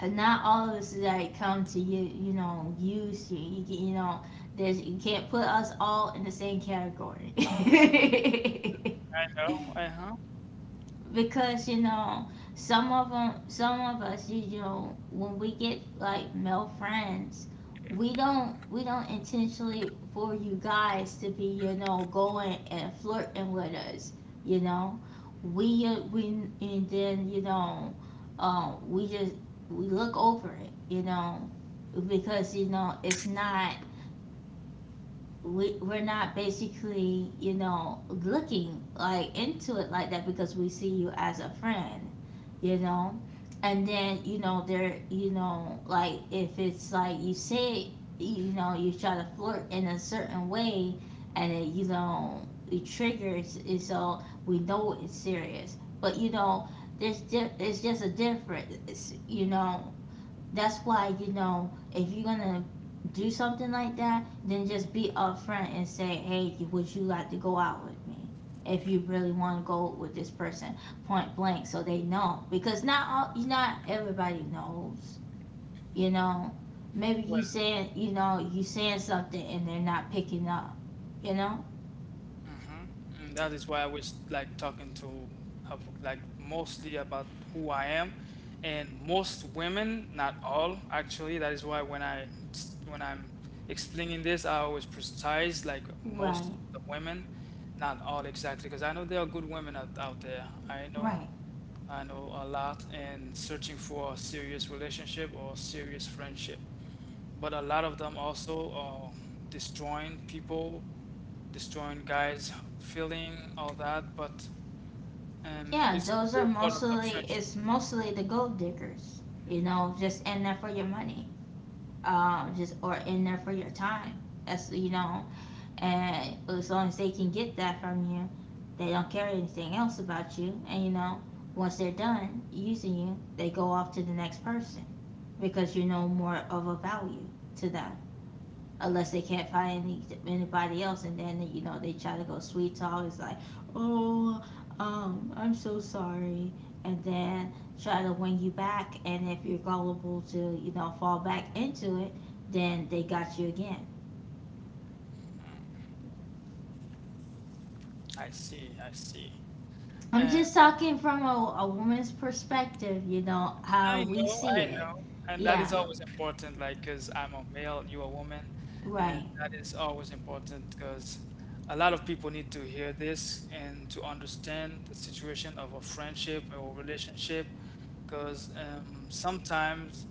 S1: Not all of us that come to you, use you. You, can, there's, you can't put us all in the same category.
S2: I know, uh
S1: *laughs*
S2: huh.
S1: Because some of us, when we get like male friends, we don't intentionally for you guys to be, going and flirting with us you know we and then, we just, we look over it, because it's not, we're not basically looking like into it like that, because we see you as a friend you know and then, there, like if it's like you say, you try to flirt in a certain way, and it, it triggers, and so we know it's serious. But, there's it's just a difference. That's why, if you're gonna do something like that, then just be upfront and say, hey, would you like to go out with me? If you really want to go with this person, point blank, so they know. Because not all, not everybody knows, you know. Maybe you
S2: Well.
S1: saying, you saying something and they're not picking up, you know.
S2: Uh-huh. And that is why I was like talking to like mostly about who I am and most women, not all actually. That is why when I'm explaining this, I always precise like most
S1: Right,
S2: of the women, not all exactly, because I know there are good women out, out there.
S1: right.
S2: I know a lot and searching for a serious relationship or serious friendship. But a lot of them also are destroying people, destroying guys, feeling all that, but
S1: Yeah,
S2: it's
S1: those are
S2: still part of the
S1: mostly
S2: friendship.
S1: it's mostly the gold diggers, just in there for your money. Just or in there for your time. That's you know, and as long as they can get that from you, they don't care anything else about you. And, once they're done using you, they go off to the next person, because you're no more of a value to them, unless they can't find anybody else. And then, they try to go sweet talk. It's like, oh, I'm so sorry. And then try to win you back, and if you're gullible to fall back into it, then they got you again.
S2: Mm, I see, I see.
S1: I'm
S2: And
S1: just talking from a woman's perspective, how we see
S2: I
S1: it.
S2: know. And that is
S1: Yeah,
S2: always important, like, because I'm a male, you're a woman. And
S1: right.
S2: that is always important because a lot of people need to hear this and to understand the situation of a friendship or relationship. Because sometimes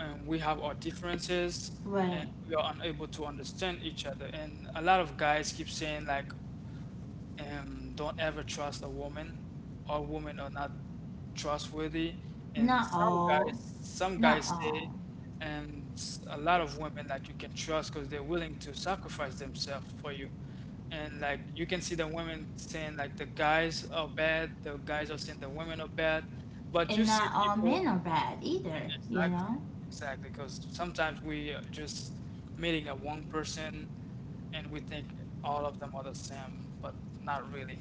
S2: we have our differences and
S1: Right.
S2: we are unable to understand each other. And a lot of guys keep saying, like, don't ever trust a woman. All women are not trustworthy, and
S1: Not all,
S2: some
S1: not
S2: guys say,
S1: all.
S2: and a lot of women like you can trust because they're willing to sacrifice themselves for you. And like you can see the women saying like the guys are bad, the guys are saying the women are bad, but you
S1: And
S2: see
S1: not all
S2: people.
S1: men are bad either you
S2: Exactly,
S1: know
S2: exactly. Because sometimes we are just meeting a one person and we think all of them are the same, but not really.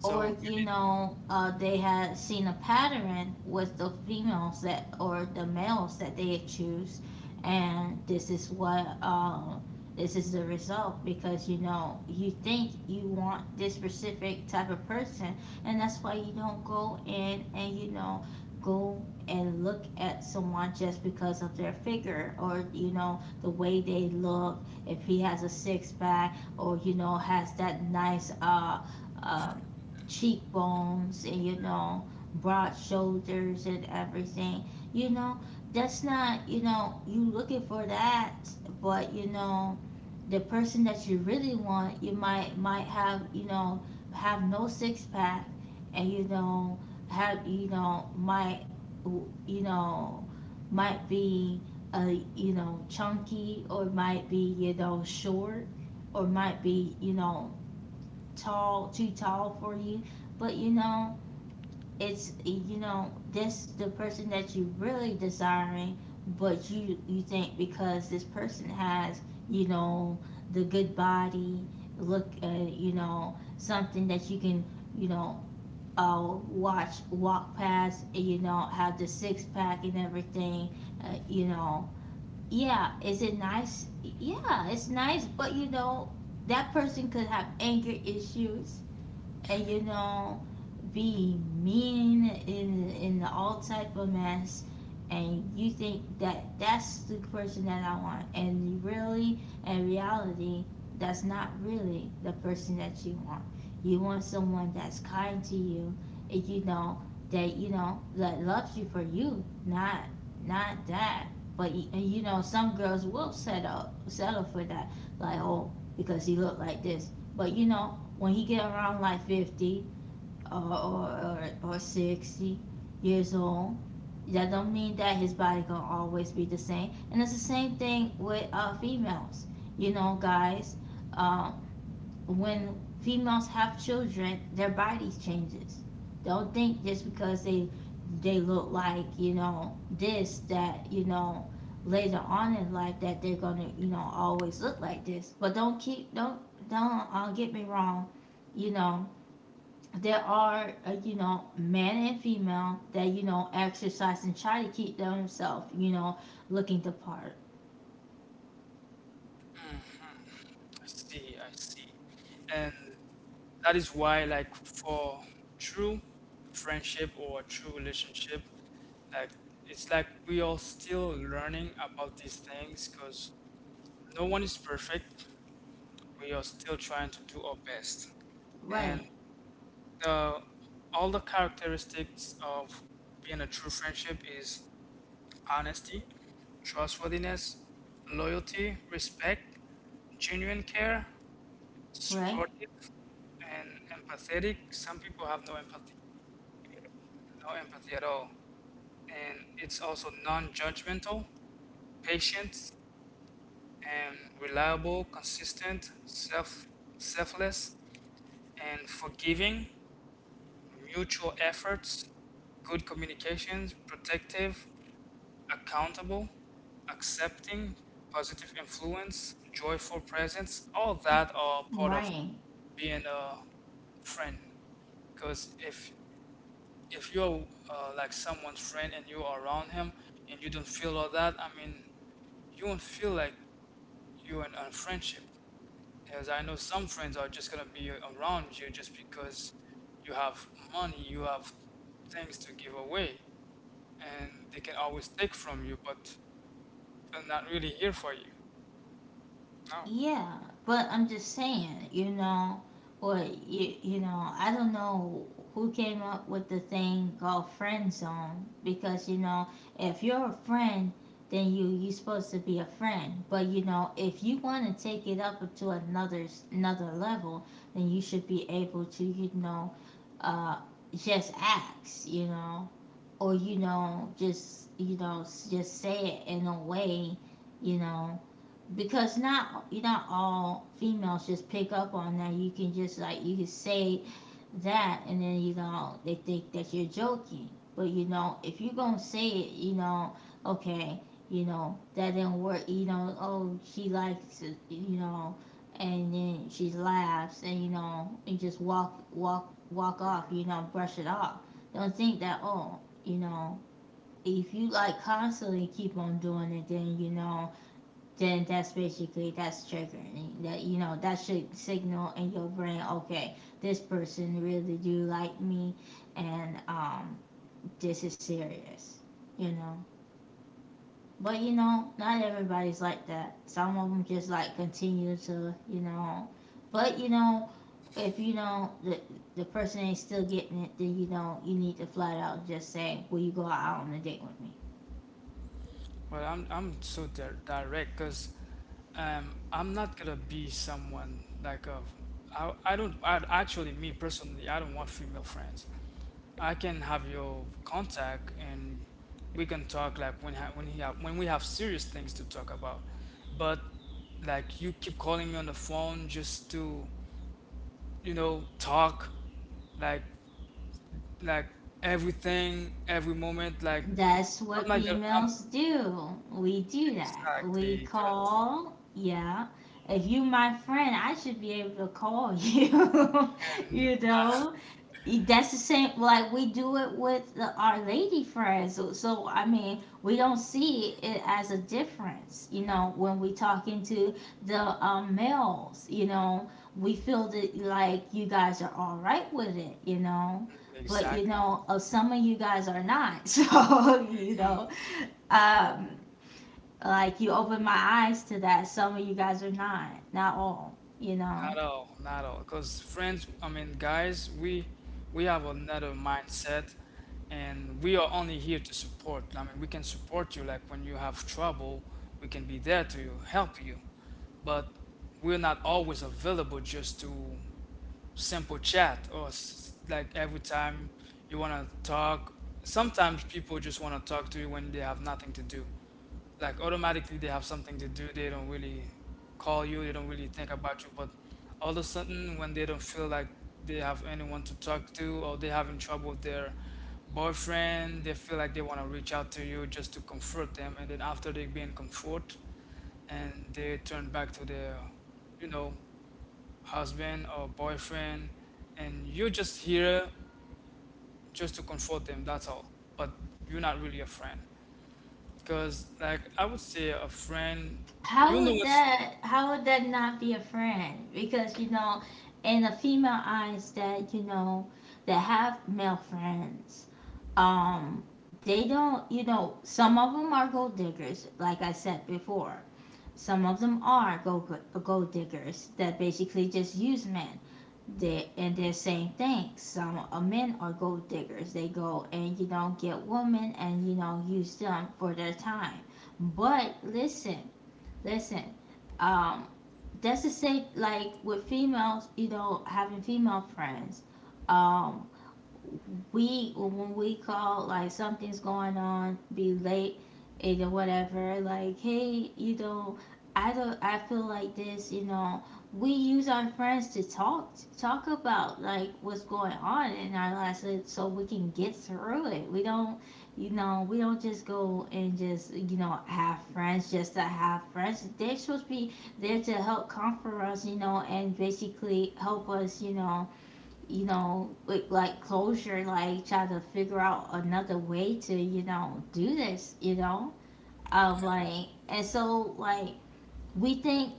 S1: or
S2: you
S1: you
S2: need,
S1: know
S2: I
S1: uh, they had seen a pattern with the females that, or the males that they choose, and this is the result, because, you think you want this specific type of person. And that's why you don't go in and, go and look at someone just because of their figure, or, the way they look. If he has a six pack, or, has that nice, um cheekbones, and, broad shoulders and everything you know that's not, you looking for that. But, the person that you really want, you might have, have no six pack. And, have you know might, you know might be a chunky, or might be, short, or might be, tall too tall for you. But, it's, this the person that you really desiring. But you think because this person has, you know the good body look, something that you can, you know watch walk past, have the six pack and everything, uh, you know yeah, is it nice? Yeah, it's nice, but, that person could have anger issues, and, be mean in all type of mess. And you think that, that's the person that I want, and really, in reality, that's not really the person that you want. You want someone that's kind to you, and, that that loves you for you, not that. But, some girls will settle for that. Like, oh, because he looked like this. But, when he get around like 50 or 60 years old, that don't mean that his body gonna always be the same. And it's the same thing with females, you know, guys. um, when females have children, their bodies changes. Don't think just because they look like, this, that, later on in life, that they're gonna, always look like this. But don't keep don't get me wrong. You know there are, man and female that, exercise and try to keep themselves, looking the part.
S2: see, I see. And that is why, like, for true friendship or true relationship, like, it's like we are still learning about these things because no one is perfect. We are still trying to do our best.
S1: Right,
S2: The All the characteristics of being a true friendship is honesty, trustworthiness, loyalty, respect, genuine care,
S1: right,
S2: supportive, and empathetic. Some people have no empathy, no empathy at all. And it's also non judgmental, patient, and reliable, consistent, self, selfless, and forgiving, mutual efforts, good communications, protective, accountable, accepting, positive influence, joyful presence, all that are part of
S1: right.
S2: being a friend. Because if you're like someone's friend and you are around him and you don't feel all that, I mean, you won't feel like you're in a friendship. As I know, some friends are just gonna be around you just because you have money, you have things to give away, and they can always take from you, but they're not really here for you. No.
S1: Yeah, but I'm just saying, or you, I don't know who came up with the thing called friend zone, because, if you're a friend, then you are supposed to be a friend. But, if you want to take it up to another level, then you should be able to, uh, just ask, you know, or you know, just you know, s- just say it in a way, you know because not all females just pick up on that. You can just like you can say that, and then, they think that you're joking. But, if you're gonna say it, okay, that didn't work. Oh, she likes it, and then she laughs, and, and just walk off. Brush it off. Don't think that, oh, you know if you like constantly keep on doing it, then, that's basically, that's triggering, that, that should signal in your brain, okay, this person really do like me. And, this is serious, you know But, not everybody's like that. Some of them just like continue to, you know but you know if you know the person ain't still getting it, then, you need to flat out just say, will you go out on a date with me?
S2: Well, I'm so direct because I'm not gonna be someone like a I don't I, actually, me personally, I don't want female friends. I can have your contact and we can talk like when ha- when he have, when we have serious things to talk about. But like you keep calling me on the phone just to you know talk, like like everything every moment like
S1: That's
S2: I'm
S1: what
S2: not gonna I'm,
S1: females do. We do that. We
S2: exactly 'cause
S1: call, yeah. If you my friend, I should be able to call you. *laughs* You
S2: Ah,
S1: know? That's the same like we do it with our lady friends. So I mean, we don't see it as a difference, when we talking to the males. We feel that like you guys are all right with it, you know But,
S2: exactly.
S1: some of you guys are not. *laughs*
S2: Mm,
S1: Um like, you open my eyes to that. Some of you guys are not, not all, you know
S2: not all. Because friends, I mean, guys, we have another mindset, and we are only here to support. I mean, we can support you, like when you have trouble, we can be there to you, help you. But we're not always available just to simple chat or like every time you want to talk. Sometimes people just want to talk to you when they have nothing to do. Like automatically they have something to do. They don't really call you. They don't really think about you. But all of a sudden, when they don't feel like they have anyone to talk to, or they're having trouble with their boyfriend, they feel like they want to reach out to you just to comfort them. And then after they being comfort, and they turn back to their, you know, husband or boyfriend, and you're just here just to comfort them. That's all. But you're not really a friend. Because, like, I would say a friend, you know what's
S1: How would that not be a friend? Because, in the female eyes that, that have male friends, um, they don't, some of them are gold diggers, like I said before. Some of them are gold diggers that basically just use men. They and they're saying things. Some men are gold diggers. They go and, get women, and, use them for their time. But listen, listen, um, that's the same like with females, having female friends. Um, we when we call like something's going on, be late and whatever, like, hey, I don't I feel like this, we use our friends to talk about like what's going on in our lives, so we can get through it. We don't just go and just, have friends just to have friends. They're supposed to be there to help comfort us, and basically help us, with like closure, like try to figure out another way to, do this, you know? Um, like, and so, like, we think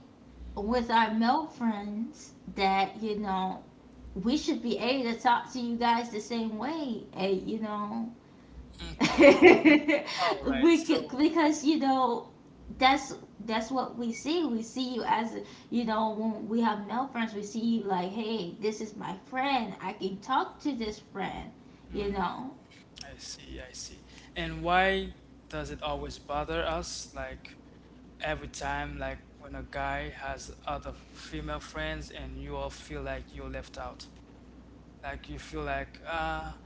S1: with our male friends that, you know, we should be able to talk to you guys the same way. And, you know, *laughs*
S2: okay.
S1: Bec-
S2: All right, so
S1: because you know that's that's what we see you as, you know. When we have male friends, we see you like, hey, this is my friend, I can talk to this friend, you know.
S2: I see, I see. And why does it always bother us? Like, every time, like, when a guy has other female friends and you all feel like you're left out. Like, you feel like, ah,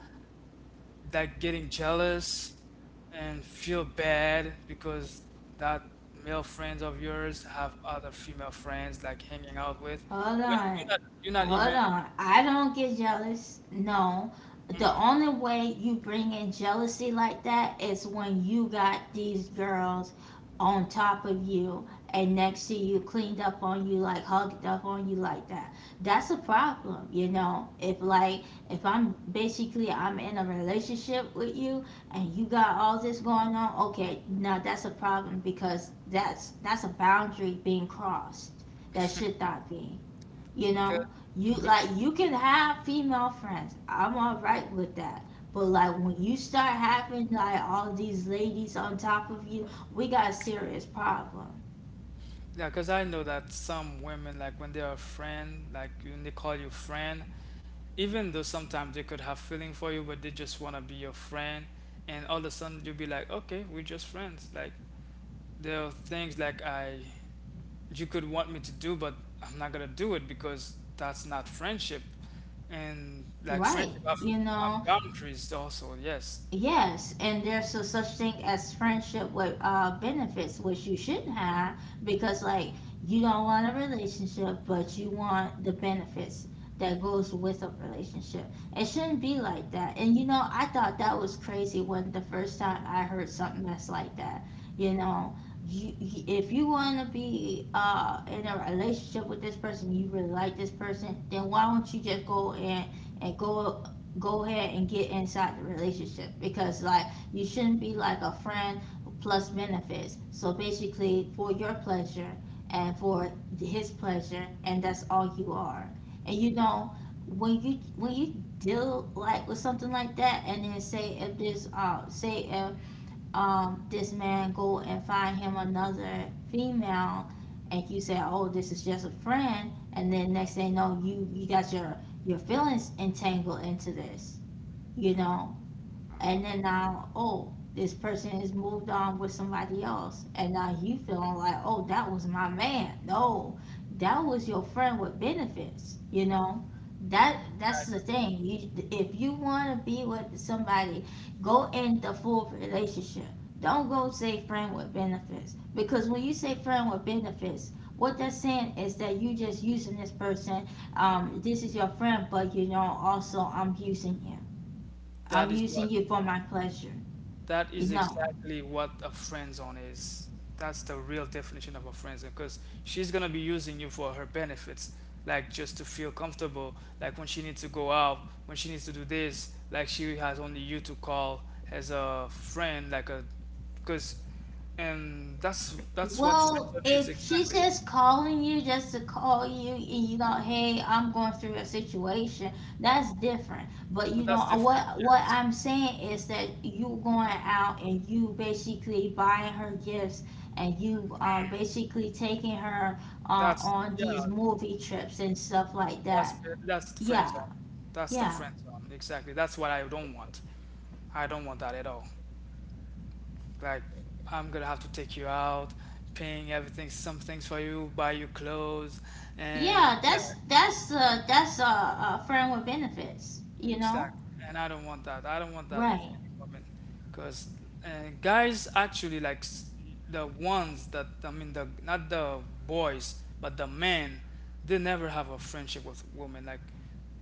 S2: like getting jealous and feel bad because that male friends of yours have other female friends like hanging out with
S1: Hold
S2: when
S1: on.
S2: you're not
S1: Hold
S2: even
S1: on. I don't get jealous. No. The only way you bring in jealousy like that is when you got these girls on top of you and next to you, cleaned up on you, like hugged up on you like that. That's a problem, you know. If like if I'm basically I'm in a relationship with you and you got all this going on, okay, now that's a problem because that's a boundary being crossed that should not be. You
S2: Okay.
S1: know, you
S2: Hmm.
S1: like you can have female friends. I'm all right with that. But like when you start having like all these ladies on top of you, we got a serious problem.
S2: Yeah, because I know that some women, like when they're a friend, like when they call you friend, even though sometimes they could have feeling for you, but they just want to be your friend. And all of a sudden you'll be like, okay, we're just friends. Like there are things like you could want me to do, but I'm not gonna do it because that's not friendship. And like
S1: Right. You
S2: have
S1: know?
S2: boundaries also. Yes,
S1: Yes, and there's a such thing as friendship with benefits, which you should have because, like, you don't want a relationship, but you want the benefits that goes with a relationship. It shouldn't be like that. And you know, I thought that was crazy when the first time I heard something that's like that. You know, if you want to be in a relationship with this person, you really like this person, then why don't you just and go go ahead and get inside the relationship, because like you shouldn't be like a friend plus benefits, so basically for your pleasure and for his pleasure, and that's all you are. And you know, when you deal like with something like that, and then say if this man go and find him another female, and you say, oh, this is just a friend, and then next thing you know, you got your feelings entangled into this, you know. And then now, oh, this person has moved on with somebody else, and now you feeling like, oh, that was my man. No, that was your friend with benefits, you know. That's the thing, you, if you want to be with somebody, go in the full relationship. Don't go say friend with benefits, because when you say friend with benefits, what that's saying is that you just using this person. This is your friend, but you know, also I'm using you.
S2: that
S1: I'm
S2: is what.
S1: using you for my pleasure.
S2: That
S1: You
S2: is
S1: know.
S2: exactly what a friend zone is. That's the real definition of a friend zone because she's gonna be using you for her benefits, like just to feel comfortable, like when she needs to go out, when she needs to do this, like she has only you to call as a friend, like a, because, and that's what friend
S1: Well,
S2: zone is
S1: if she's
S2: exactly.
S1: just calling you just to call you, and you know, hey, I'm going through a situation, that's different. But you know
S2: That's different,
S1: what? What
S2: yes.
S1: I'm saying is that you going out and you basically buying her gifts, and you basically taking her
S2: That's
S1: on these
S2: yeah,
S1: movie trips and stuff like
S2: that's
S1: that.
S2: that's the friend
S1: Yeah,
S2: zone. That's the
S1: yeah,
S2: friend zone exactly. That's what I don't want. I don't want that at all. Like, I'm gonna have to take you out, paying everything, some things for you, buy you clothes, and
S1: yeah.
S2: yeah,
S1: That's a friend with benefits. You know,
S2: exactly. And I don't want that. I don't want that with
S1: right.
S2: any woman, because guys actually like the ones that I mean the not the boys but the men, they never have a friendship with women. Like,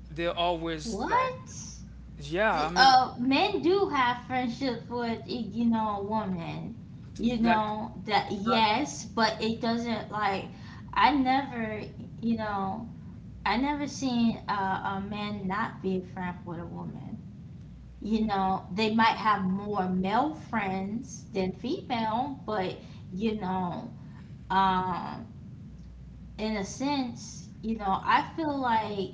S2: they're always like,
S1: What?
S2: yeah, I
S1: The,
S2: mean,
S1: men do have friendship with, you know, a woman, you
S2: like,
S1: know that,
S2: not,
S1: yes, but it doesn't like I never, you know, I never seen a man not be friend with a woman. You know they might have more male friends than female, but you know, um in a sense, you know, I feel like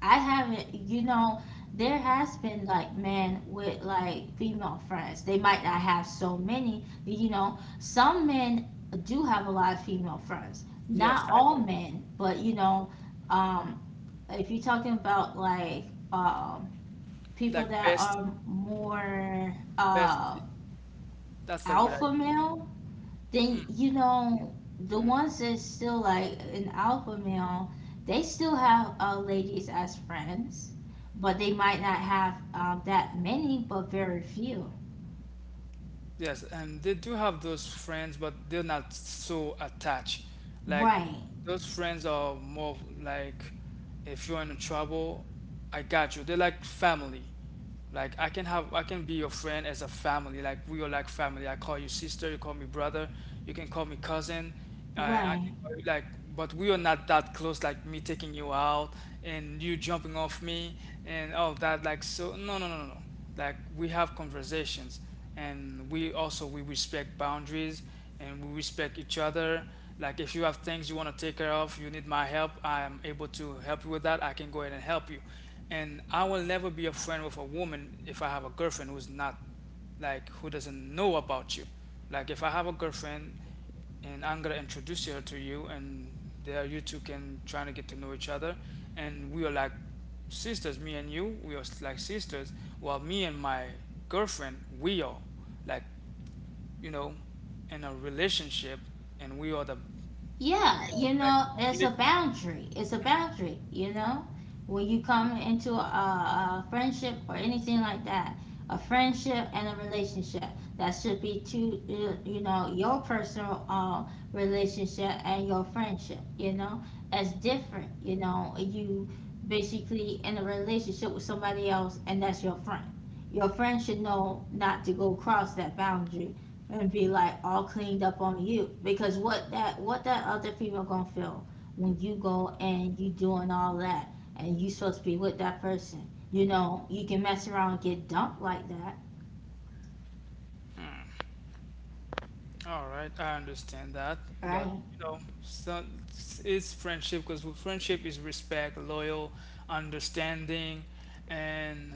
S1: I haven't, you know, there has been like men with like female friends. They might not have so many, you know. Some men do have a lot of female friends.
S2: yes,
S1: Not
S2: I
S1: all
S2: know,
S1: men, but you know, um, if you're talking about like um, people
S2: like
S1: that are more
S2: bestie. That's the word I
S1: alpha male, then you know the ones that's still like an alpha male, they still have ladies as friends, but they might not have that many, but very few.
S2: Yes, and they do have those friends, but they're not so attached. Like
S1: Right.
S2: those friends are more like if you're in trouble, I got you. They're like family. Like I can be your friend as a family. Like we are like family. I call you sister, you call me brother, you can call me cousin. I
S1: Right.
S2: can call you like, but we are not that close like me taking you out and you jumping off me and all that. Like, so no, like we have conversations and we also we respect boundaries and we respect each other. Like if you have things you want to take care of, you need my help, I am able to help you with that, I can go ahead and help you. And I will never be a friend with a woman if I have a girlfriend who's not, like who doesn't know about you. Like if I have a girlfriend, and I'm gonna introduce her to you, and there you two can try to get to know each other. And we are like sisters, me and you. We are like sisters. While me and my girlfriend, we are like, you know, in a relationship, and we are the
S1: Yeah,
S2: we are
S1: you
S2: like
S1: know,
S2: a
S1: there's a
S2: relationship.
S1: boundary. It's a boundary, you know? When you come into a friendship or anything like that, a friendship and a relationship, that should be two, you know, your personal relationship and your friendship, you know? That's different, you know? You basically in a relationship with somebody else, and that's your friend. Your friend should know not to go cross that boundary and be like all cleaned up on you, because what that, what that other female gonna feel when you go and you doing all that and you supposed to be with that person. You know you can mess around and get dumped like that.
S2: All right, I understand that, but
S1: Right.
S2: you know, so it's friendship because friendship is respect, loyal, understanding, and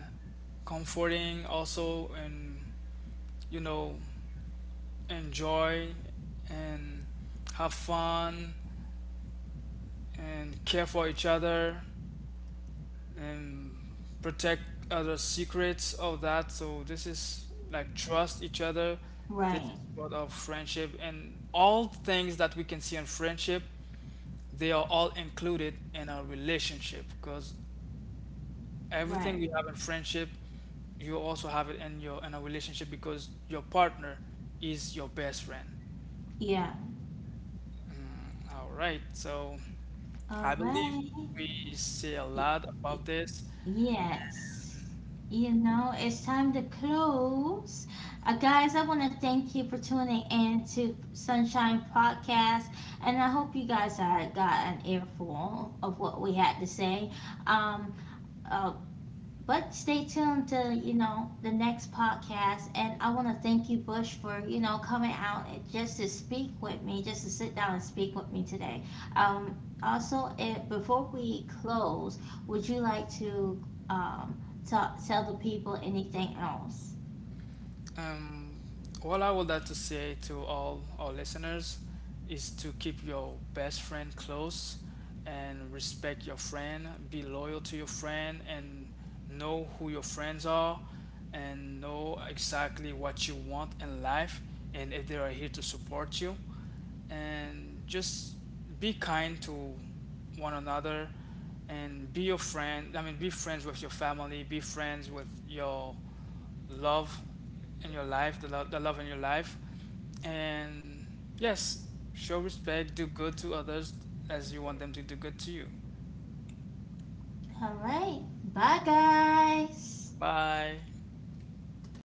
S2: comforting also, and you know, enjoy and have fun and care for each other and protect other secrets of that. So this is like trust each other. This is
S1: Right.
S2: part of friendship and all things that we can see in friendship, they are all included in our relationship because everything
S1: Right.
S2: we have in friendship, you also have it in your in a relationship because your partner is your best friend.
S1: Yeah.
S2: Mm, all right, so.
S1: All
S2: I believe
S1: right.
S2: we see a
S1: Y- y-
S2: lot about this.
S1: Yes. You know, it's time to close. Guys, I want to thank you for tuning in to Sunshine Podcast, and I hope you guys are, got an earful of what we had to say. Um, uh, but stay tuned to, you know, the next podcast. And I want to thank you, Bush, for, you know, coming out and just to speak with me, just to sit down and speak with me today. Um, also, if, before we close, would you like to um, ta tell the people anything else?
S2: Um, what I would like to say to all our listeners is to keep your best friend close and respect your friend, be loyal to your friend, and know who your friends are and know exactly what you want in life and if they are here to support you. And just be kind to one another and be your friend. I mean, be friends with your family, be friends with your love in your life, the love in your life, and yes, show respect, do good to others as you want them to do good to you.
S1: All right. Bye, guys.
S2: Bye.